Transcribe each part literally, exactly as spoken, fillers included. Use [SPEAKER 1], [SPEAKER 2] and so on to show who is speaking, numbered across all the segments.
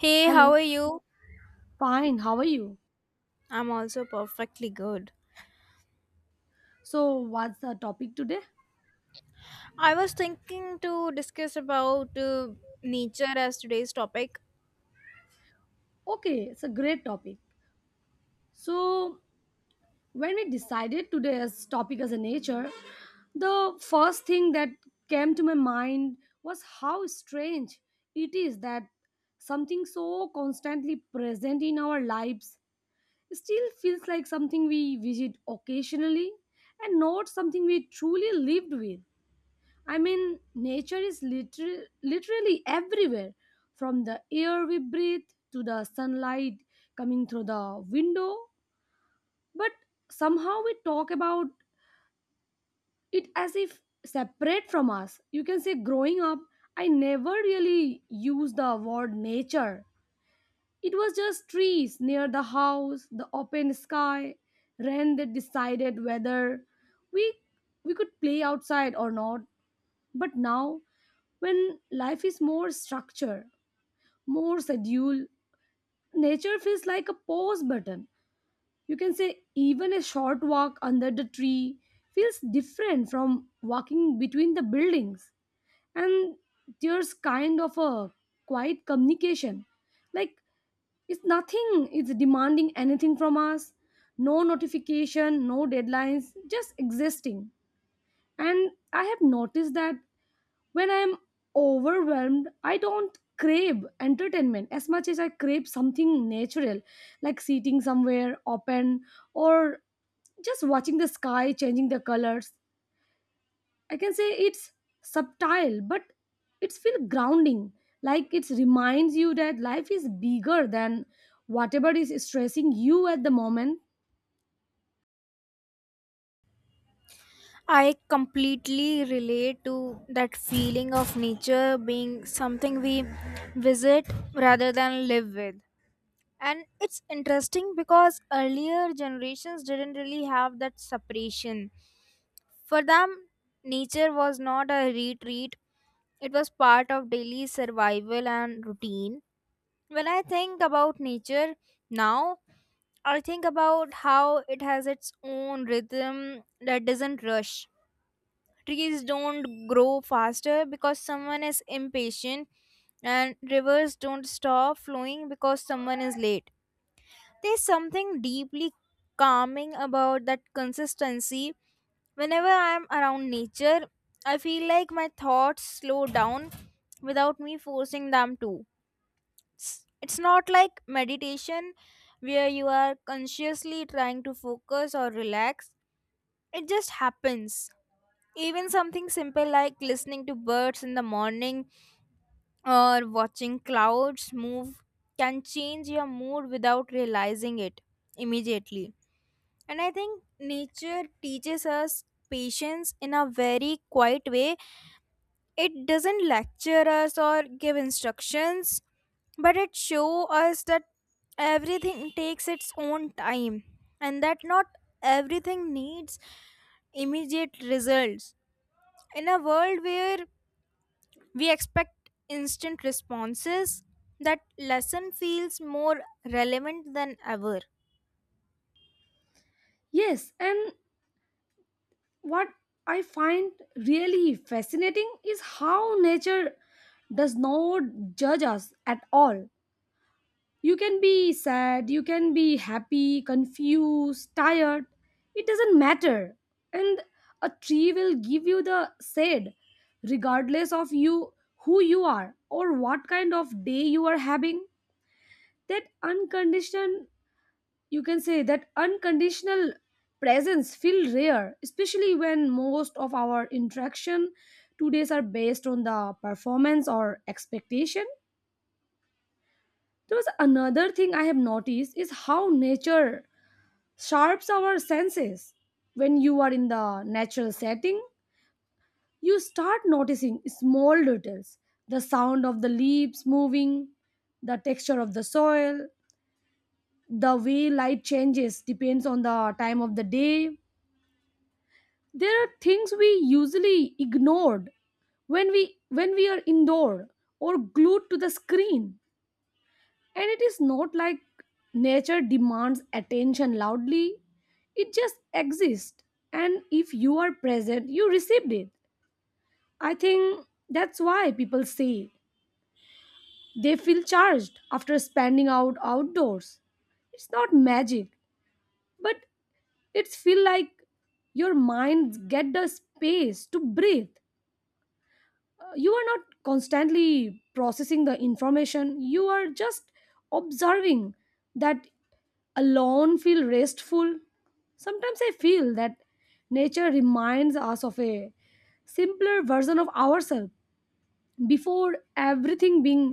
[SPEAKER 1] Hey, how
[SPEAKER 2] Hello.
[SPEAKER 1] are you?
[SPEAKER 2] Fine. How are you?
[SPEAKER 1] I'm also perfectly good.
[SPEAKER 2] So, what's the topic today?
[SPEAKER 1] I was thinking to discuss about uh, nature as today's topic.
[SPEAKER 2] Okay, it's a great topic. So, when we decided today's topic as a nature, the first thing that came to my mind was how strange it is that something so constantly present in our lives still feels like something we visit occasionally and not something we truly lived with. I mean, nature is liter- literally everywhere, from the air we breathe to the sunlight coming through the window. But somehow we talk about it as if separate from us. You can say, growing up, I never really used the word nature. It was just trees near the house, the open sky, rain that decided whether we we could play outside or not. But now, when life is more structured, more scheduled, nature feels like a pause button. You can say even a short walk under the tree feels different from walking between the buildings. And there's kind of a quiet communication. Like, it's nothing, it's demanding anything from us. No notification, no deadlines, just existing. And I have noticed that when I'm overwhelmed, I don't crave entertainment as much as I crave something natural, like sitting somewhere open or just watching the sky changing the colors. I can say it's subtle, but it's feel grounding, like it reminds you that life is bigger than whatever is stressing you at the moment.
[SPEAKER 1] I completely relate to that feeling of nature being something we visit rather than live with. And it's interesting because earlier generations didn't really have that separation. For them, nature was not a retreat, it was part of daily survival and routine. When I think about nature now, I think about how it has its own rhythm that doesn't rush. Trees don't grow faster because someone is impatient, and rivers don't stop flowing because someone is late. There's something deeply calming about that consistency. Whenever I'm around nature, I feel like my thoughts slow down without me forcing them to. it's it's not like meditation where you are consciously trying to focus or relax. It just happens. Even something simple like listening to birds in the morning or watching clouds move can change your mood without realizing it immediately. And I think nature teaches us patience in a very quiet way. It doesn't lecture us or give instructions, but it shows us that everything takes its own time, and that not everything needs immediate results. In a world where we expect instant responses, that lesson feels more relevant than ever.
[SPEAKER 2] Yes, and what I find really fascinating is how nature does not judge us at all. You can be sad, you can be happy, confused, tired. It doesn't matter. And a tree will give you the shade regardless of you who you are or what kind of day you are having. That unconditional, you can say that unconditional presence feel rare, especially when most of our interaction today's are based on the performance or expectation. There was another thing I have noticed is how nature sharps our senses. When you are in the natural setting, you start noticing small details, the sound of the leaves moving, the texture of the soil, the way light changes depends on the time of the day. There are things we usually ignored when we when we are indoor or glued to the screen. And it is not like nature demands attention loudly, it just exists, and if you are present, you received it. I think that's why people say they feel charged after spending out outdoors. It's not magic, but it's feel like your mind get the space to breathe. You are not constantly processing the information, you are just observing. That alone feel restful. Sometimes I feel that nature reminds us of a simpler version of ourselves before everything being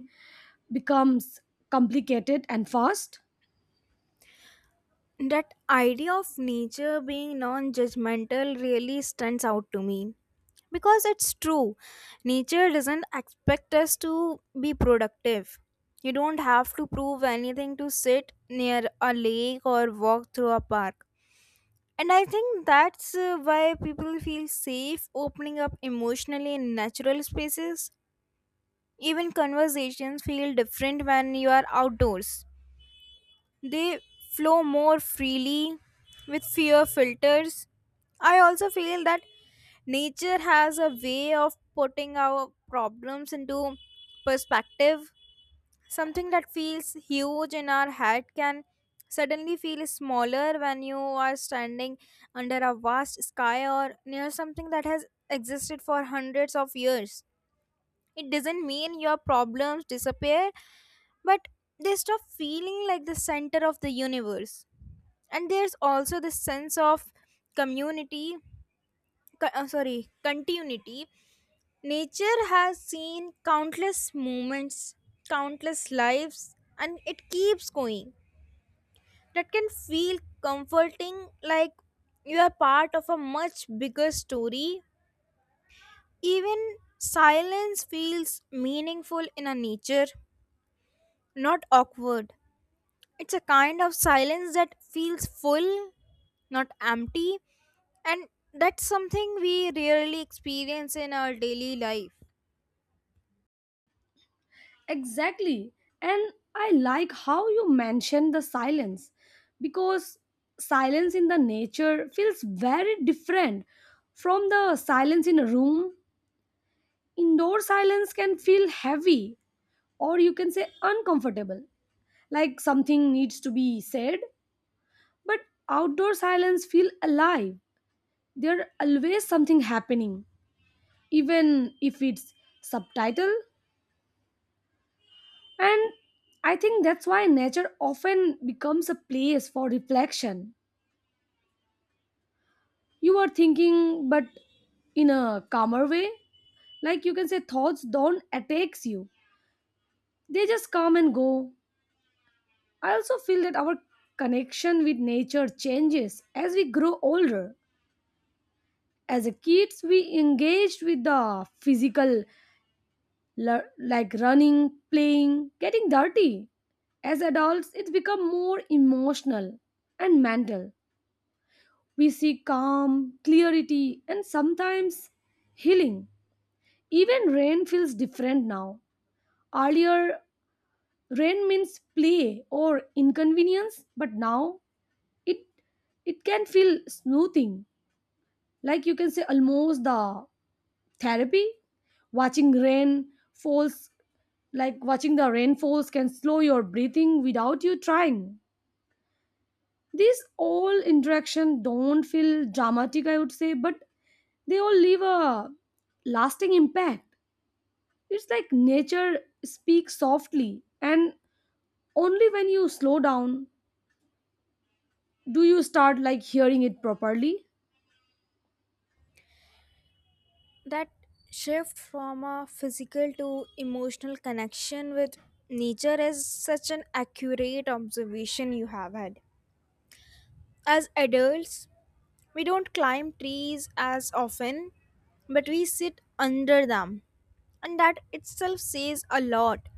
[SPEAKER 2] becomes complicated and fast.
[SPEAKER 1] That idea of nature being non judgmental really stands out to me because it's true. Nature doesn't expect us to be productive. You don't have to prove anything to sit near a lake or walk through a park. And I think that's uh, why people feel safe opening up emotionally in natural spaces. Even conversations feel different when you are outdoors. They flow more freely with fewer filters. I also feel that nature has a way of putting our problems into perspective. Something that feels huge in our head can suddenly feel smaller when you are standing under a vast sky or near something that has existed for hundreds of years. It doesn't mean your problems disappear, but they stop feeling like the center of the universe. And there's also this sense of community, co- uh, sorry continuity. Nature has seen countless moments, countless lives, and it keeps going. That can feel comforting, like you are part of a much bigger story. Even silence feels meaningful in a nature, not awkward. It's a kind of silence that feels full, not empty, and that's something we rarely experience in our daily life.
[SPEAKER 2] Exactly. And I like how you mentioned the silence, because silence in the nature feels very different from the silence in a room. Indoor silence can feel heavy, or you can say uncomfortable, like something needs to be said. But outdoor silence feel alive. There always something happening, even if it's subtitle. And I think that's why nature often becomes a place for reflection. You are thinking, but in a calmer way. Like you can say, thoughts don't attack you, they just come and go. I also feel that our connection with nature changes as we grow older. As a kids, we engaged with the physical, lear- like running, playing, getting dirty. As adults, it's become more emotional and mental. We see calm, clarity, and sometimes healing. Even rain feels different now. Earlier, rain means play or inconvenience, but now it it can feel smoothing. Like you can say almost the therapy. Watching rain falls Like watching the rain falls, can slow your breathing without you trying. These all interaction don't feel dramatic, I would say, but they all leave a lasting impact. It's like nature speaks softly, and only when you slow down do you start like hearing it properly.
[SPEAKER 1] That shift from a physical to emotional connection with nature is such an accurate observation you have had. As adults, we don't climb trees as often, but we sit under them, and that itself says a lot.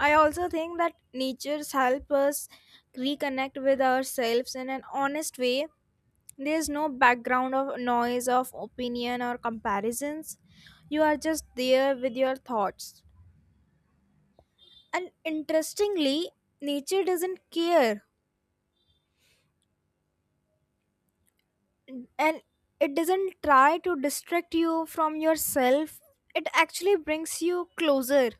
[SPEAKER 1] I also think that natures help us reconnect with ourselves in an honest way. There's no background of noise of opinion or comparisons. You are just there with your thoughts. And interestingly, nature doesn't care, and it doesn't try to distract you from yourself. It actually brings you closer.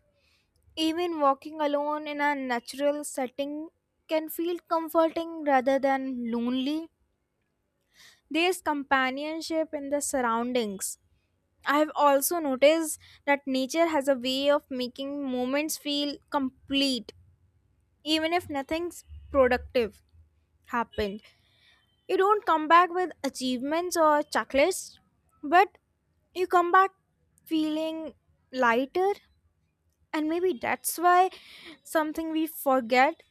[SPEAKER 1] Even walking alone in a natural setting can feel comforting rather than lonely. There's companionship in the surroundings. I have also noticed that nature has a way of making moments feel complete, even if nothing's productive happened. You don't come back with achievements or checklists, but you come back feeling lighter, and maybe that's why something we forget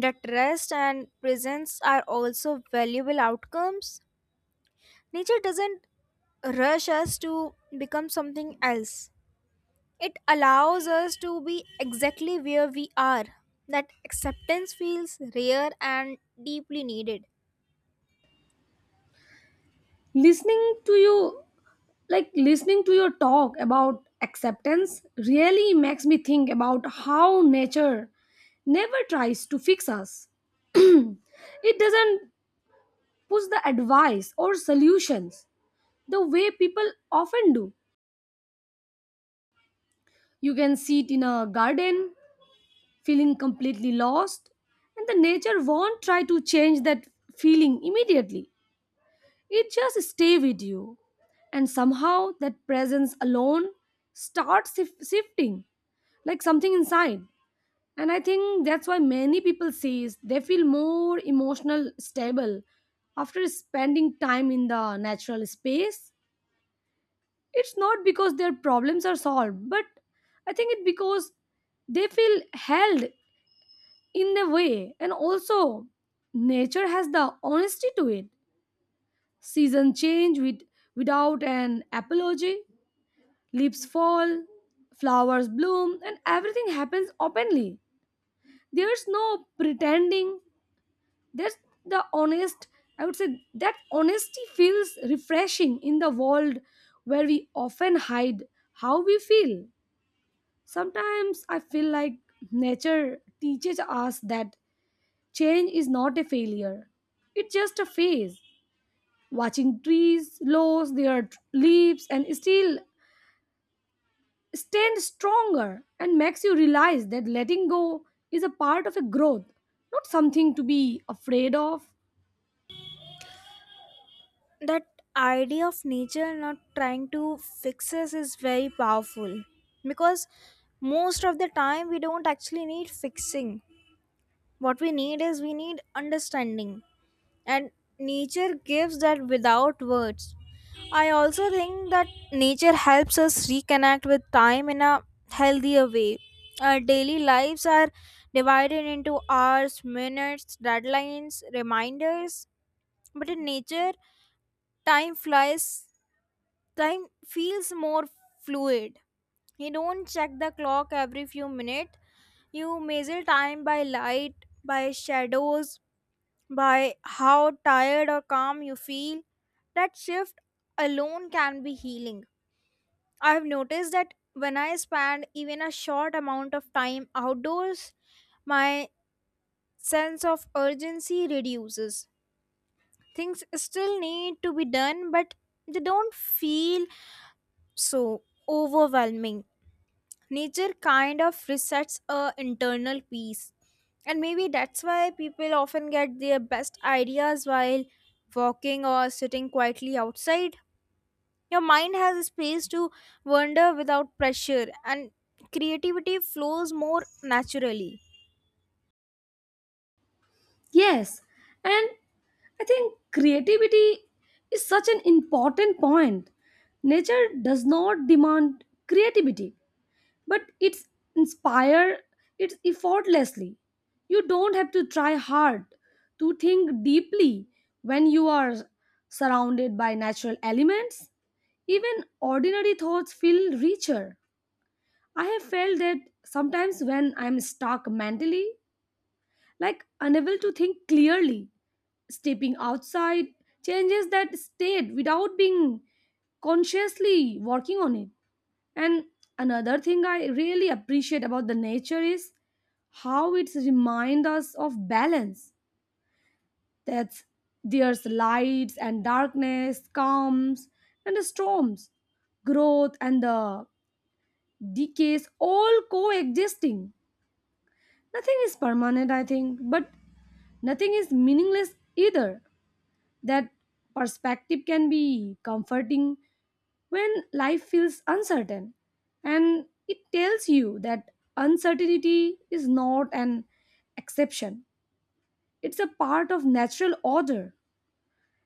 [SPEAKER 1] that rest and presence are also valuable outcomes. Nature doesn't rush us to become something else. It allows us to be exactly where we are. That acceptance feels rare and deeply needed.
[SPEAKER 2] Listening to you, like listening to your talk about acceptance, really makes me think about how nature never tries to fix us. It doesn't push the advice or solutions the way people often do. You can see it in a garden feeling completely lost, and the nature won't try to change that feeling immediately. It just stay with you, and somehow that presence alone starts shif- shifting like something inside. And I think that's why many people say they feel more emotional stable after spending time in the natural space. It's not because their problems are solved, but I think it's because they feel held in the way. And also, nature has the honesty to it. Season change with, without an apology, leaves fall, flowers bloom, and everything happens openly. There's no pretending, there's the honest, I would say that honesty feels refreshing in the world where we often hide how we feel. Sometimes I feel like nature teaches us that change is not a failure, it's just a phase. Watching trees lose their leaves and still stand stronger and makes you realize that letting go is a part of a growth, not something to be afraid of.
[SPEAKER 1] That idea of nature not trying to fix us is very powerful because most of the time we don't actually need fixing. What we need is we need understanding. And nature gives that without words. I also think that nature helps us reconnect with time in a healthier way. Our daily lives are divided into hours, minutes, deadlines, reminders, but in nature, time flies, time feels more fluid. You don't check the clock every few minutes, you measure time by light, by shadows, by how tired or calm you feel. That shift alone can be healing. I've noticed that when I spend even a short amount of time outdoors, my sense of urgency reduces. Things still need to be done, but they don't feel so overwhelming. Nature kind of resets a internal peace, and maybe that's why people often get their best ideas while walking or sitting quietly outside. Your mind has a space to wander without pressure, and creativity flows more naturally.
[SPEAKER 2] Yes, and I think creativity is such an important point. Nature does not demand creativity, but it's inspire it's effortlessly. You don't have to try hard to think deeply. When you are surrounded by natural elements, even ordinary thoughts feel richer. I have felt that sometimes when I'm stuck mentally, like unable to think clearly, stepping outside changes that state without being consciously working on it. And another thing I really appreciate about the nature is how it reminds us of balance. That there's lights and darkness, calms and the storms, growth and the decays, all coexisting. Nothing is permanent, I think, but nothing is meaningless either. That perspective can be comforting when life feels uncertain, and it tells you that uncertainty is not an exception, it's a part of natural order.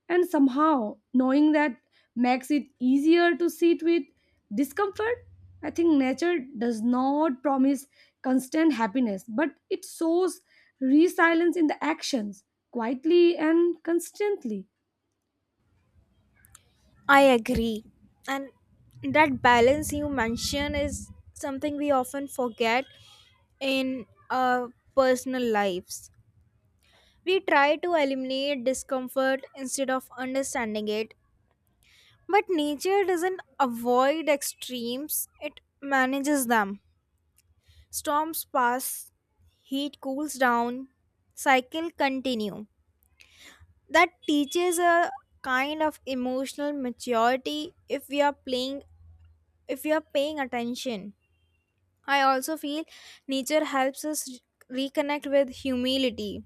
[SPEAKER 2] And somehow knowing that makes it easier to sit with discomfort. I think nature does not promise constant happiness, but it shows resilience in the actions, quietly and constantly.
[SPEAKER 1] I agree, and that balance you mention is something we often forget in our personal lives. We try to eliminate discomfort instead of understanding it. But nature doesn't avoid extremes, it manages them. Storms pass, heat cools down, cycle continue. That teaches a kind of emotional maturity if we are playing if we are paying attention. I also feel nature helps us reconnect with humility.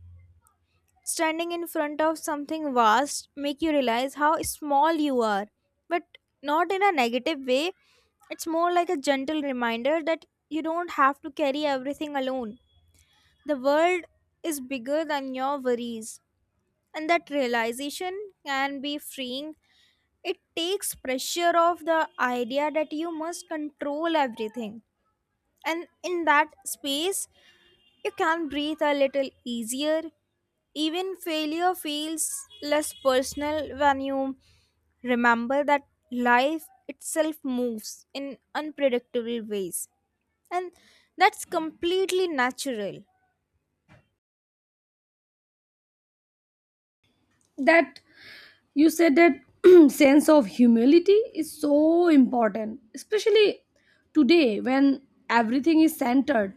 [SPEAKER 1] Standing in front of something vast make you realize how small you are, but not in a negative way. It's more like a gentle reminder that you don't have to carry everything alone. The world is bigger than your worries, and that realization can be freeing. It takes pressure off the idea that you must control everything, and in that space you can breathe a little easier. Even failure feels less personal when you remember that life itself moves in unpredictable ways. And that's completely natural.
[SPEAKER 2] That you said that sense of humility is so important, especially today when everything is centered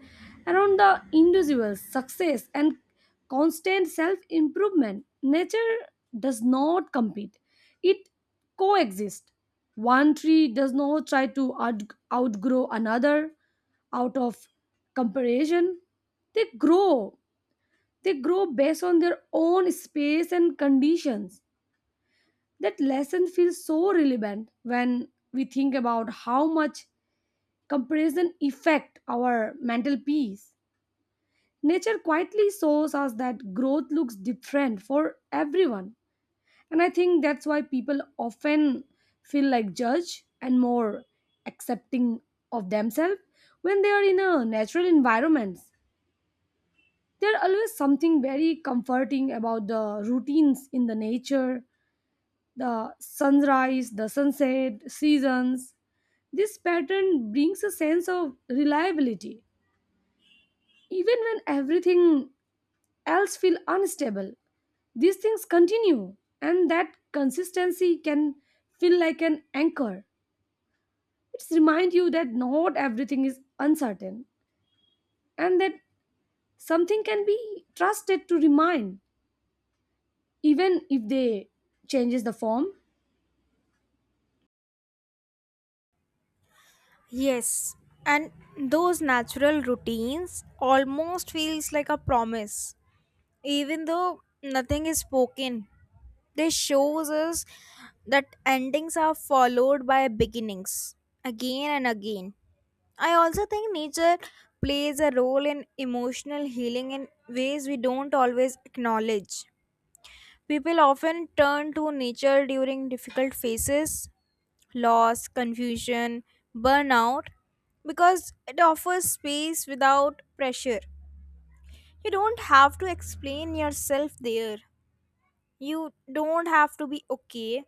[SPEAKER 2] around the individual success and constant self improvement. Nature does not compete, it coexists. One tree does not try to out- outgrow another out of comparison. they grow they grow based on their own space and conditions. That lesson feels so relevant when we think about how much comparison affect our mental peace. Nature quietly shows us that growth looks different for everyone. And I think that's why people often feel like judge and more accepting of themselves when they are in a natural environments. There are always something very comforting about the routines in the nature, the sunrise, the sunset, seasons. This pattern brings a sense of reliability. Even when everything else feels unstable, these things continue, and that consistency can feel like an anchor. It's remind you that not everything is uncertain, and that something can be trusted to remain, even if they changes the form.
[SPEAKER 1] Yes, and those natural routines almost feels like a promise. Even though nothing is spoken, this shows us that endings are followed by beginnings again and again. I also think nature plays a role in emotional healing in ways we don't always acknowledge. People often turn to nature during difficult phases, loss, confusion, burnout, because it offers space without pressure. You don't have to explain yourself there. You don't have to be okay.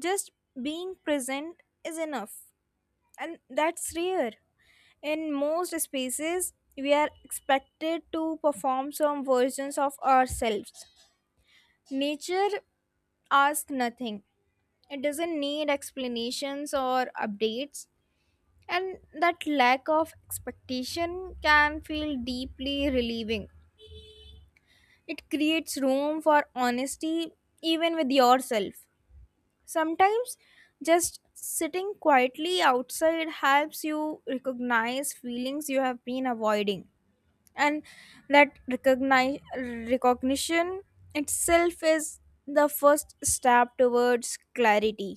[SPEAKER 1] Just being present is enough. And that's rare. In most spaces, we are expected to perform some versions of ourselves. Nature asks nothing, it doesn't need explanations or updates, and that lack of expectation can feel deeply relieving. It creates room for honesty, even with yourself. Sometimes, just sitting quietly outside helps you recognize feelings you have been avoiding. And that recognize recognition itself is the first step towards clarity.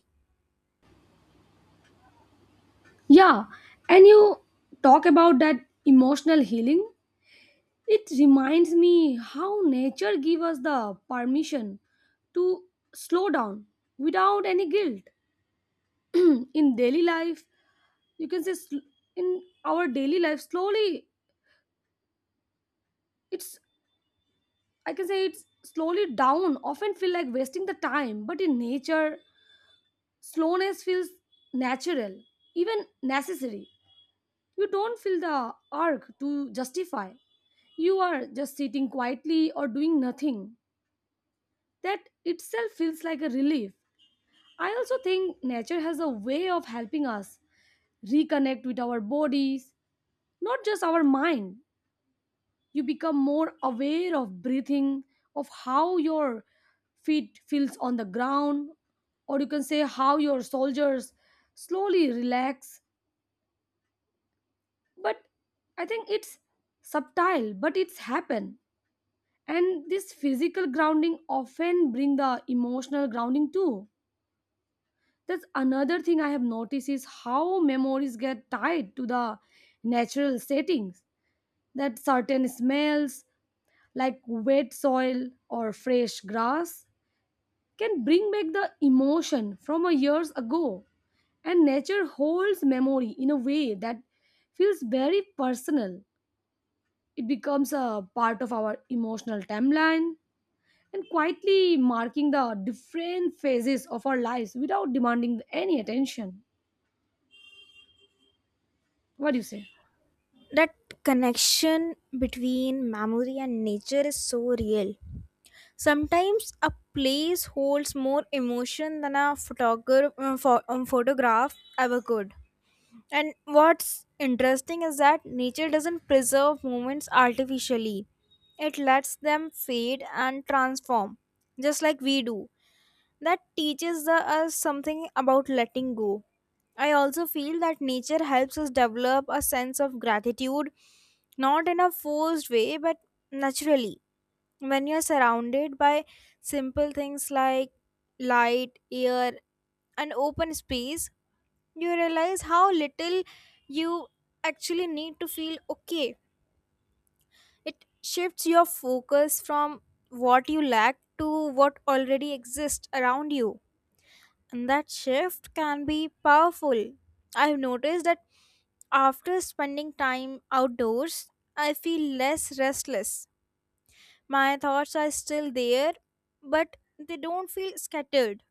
[SPEAKER 2] Yeah, and you talk about that emotional healing. It reminds me how nature gives us the permission to slow down without any guilt. In daily life, you can say sl- in our daily life, slowly, it's, I can say it's slowly down, often feel like wasting the time. But in nature, slowness feels natural, even necessary. You don't feel the urge to justify. You are just sitting quietly or doing nothing. That itself feels like a relief. I also think nature has a way of helping us reconnect with our bodies, not just our mind. You become more aware of breathing, of how your feet feels on the ground, or you can say how your soldiers slowly relax. But I think it's subtle, but it's happen. And this physical grounding often bring the emotional grounding too. That's another thing I have noticed is how memories get tied to the natural settings. That certain smells, like wet soil or fresh grass, can bring back the emotion from a years ago. And nature holds memory in a way that feels very personal. It becomes a part of our emotional timeline and quietly marking the different phases of our lives without demanding any attention. What do you say?
[SPEAKER 1] That connection between memory and nature is so real. Sometimes a place holds more emotion than a photograph uh, pho- um, photograph ever could. And what's interesting is that nature doesn't preserve moments artificially, it lets them fade and transform just like we do. That teaches the- us something about letting go. I also feel that nature helps us develop a sense of gratitude, not in a forced way, but naturally. When you're surrounded by simple things like light, air, and open space, you realize how little you actually need to feel okay. It shifts your focus from what you lack to what already exists around you. And that shift can be powerful. I've noticed that after spending time outdoors, I feel less restless. My thoughts are still there, but they don't feel scattered.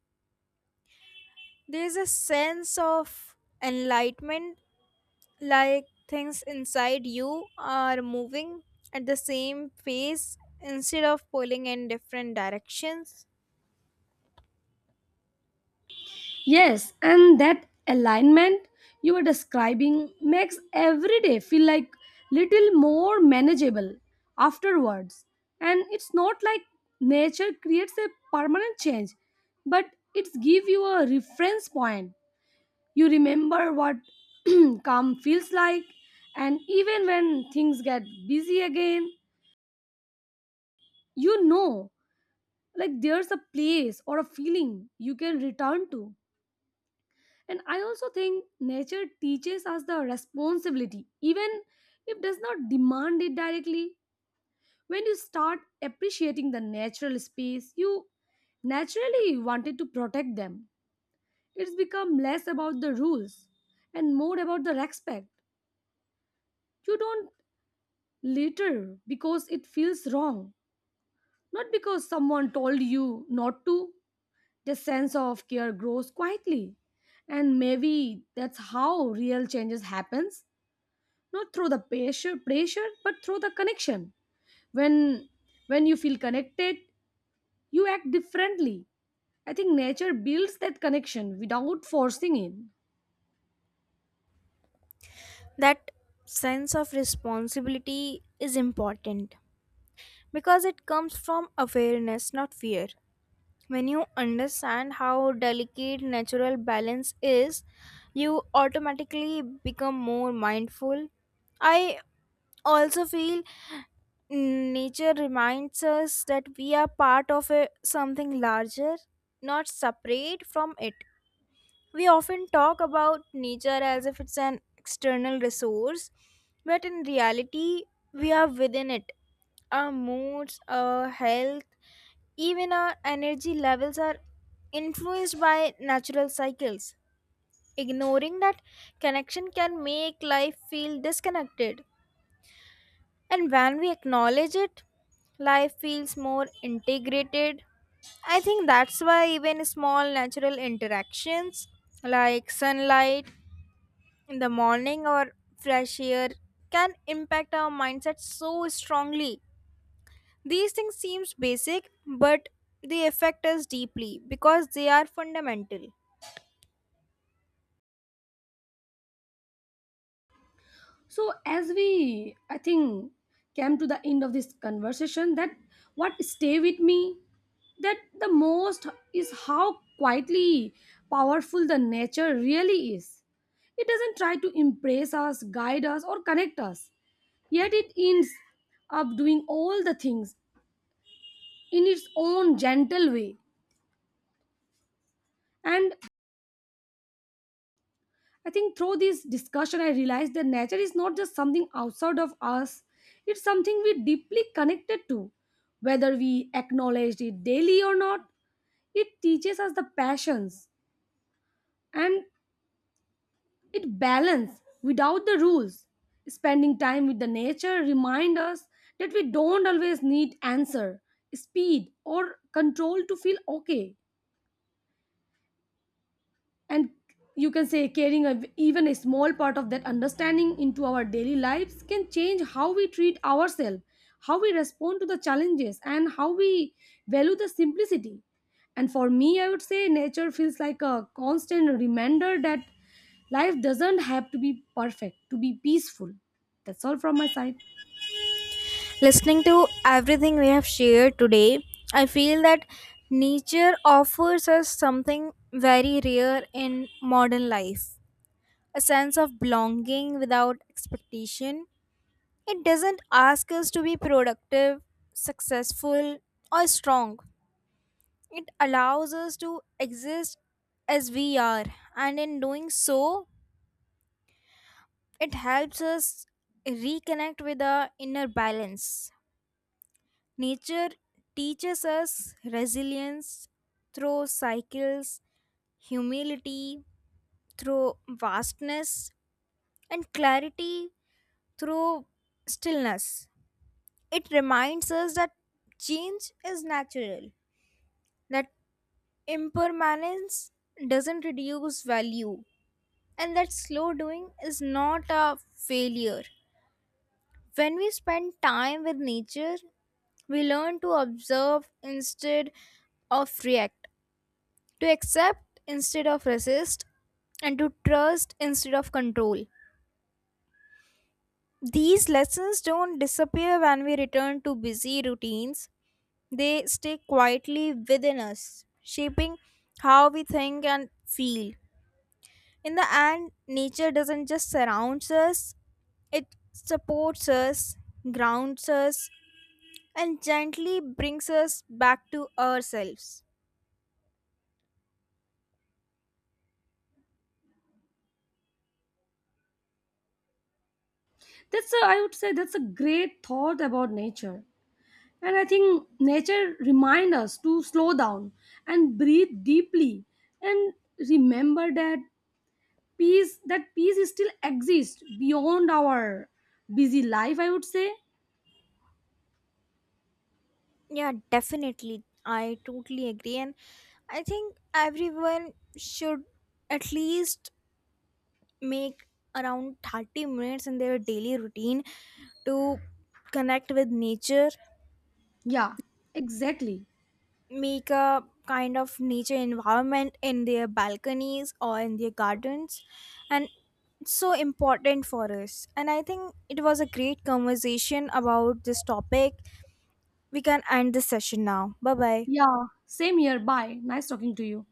[SPEAKER 1] There's a sense of enlightenment, like things inside you are moving at the same pace instead of pulling in different directions.
[SPEAKER 2] Yes, and that alignment you were describing makes every day feel like little more manageable afterwards. And it's not like nature creates a permanent change, but it gives you a reference point. You remember what calm feels like, and even when things get busy again, you know like there's a place or a feeling you can return to. And I also think nature teaches us the responsibility, even if does not demand it directly. When you start appreciating the natural space, you naturally wanted to protect them. It's become less about the rules and more about the respect. You don't litter because it feels wrong, not because someone told you not to. The sense of care grows quietly, and maybe that's how real changes happens, not through the pressure pressure but through the connection. When when you feel connected, you act differently. I think nature builds that connection without forcing it.
[SPEAKER 1] That sense of responsibility is important. Because it comes from awareness, not fear. When you understand how delicate natural balance is, you automatically become more mindful. I also feel nature reminds us that we are part of a, something larger, not separate from it. We often talk about nature as if it's an external resource, but in reality, we are within it. Our moods, our health, even our energy levels are influenced by natural cycles. Ignoring that connection can make life feel disconnected. And when we acknowledge it, life feels more integrated. I think that's why even small natural interactions like sunlight in the morning or fresh air can impact our mindset so strongly. These things seems basic, but they affect us deeply because they are fundamental.
[SPEAKER 2] So as we, I think, came to the end of this conversation, that what stay with me that the most is how quietly powerful the nature really is. It doesn't try to impress us, guide us, or connect us, yet it ends up doing all the things in its own gentle way. And I think through this discussion, I realized that nature is not just something outside of us, it's something we deeply connected to. Whether we acknowledge it daily or not, it teaches us the passions and it balance without the rules. Spending time with the nature remind us that we don't always need answer, speed, or control to feel okay. And you can say carrying a, even a small part of that understanding into our daily lives can change how we treat ourselves, how we respond to the challenges, and how we value the simplicity. And for me, I would say nature feels like a constant reminder that life doesn't have to be perfect to be peaceful. That's all from my side.
[SPEAKER 1] Listening to everything we have shared today, I feel that nature offers us something very rare in modern life, a sense of belonging without expectation. It doesn't ask us to be productive, successful, or strong. It allows us to exist as we are, and in doing so, it helps us reconnect with our inner balance. Nature teaches us resilience through cycles, humility through vastness, and clarity through stillness. It reminds us that change is natural, that impermanence doesn't reduce value, and that slow doing is not a failure. When we spend time with nature, we learn to observe instead of react, to accept instead of resist, and to trust instead of control. These lessons don't disappear when we return to busy routines, they stay quietly within us, shaping how we think and feel. In the end, nature doesn't just surround us, it supports us, grounds us, and gently brings us back to ourselves.
[SPEAKER 2] That's a, I would say that's a great thought about nature. And I think nature reminds us to slow down and breathe deeply and remember that peace that peace still exists beyond our busy life, I would say.
[SPEAKER 1] Yeah, definitely. I totally agree. And I think everyone should at least make around thirty minutes in their daily routine to connect with nature,
[SPEAKER 2] Yeah, exactly.
[SPEAKER 1] make a kind of nature environment in their balconies or in their gardens. And it's so important for us. And I think it was a great conversation about this topic. We can end this session now. Bye bye.
[SPEAKER 2] Yeah, same here. Bye. Nice talking to you.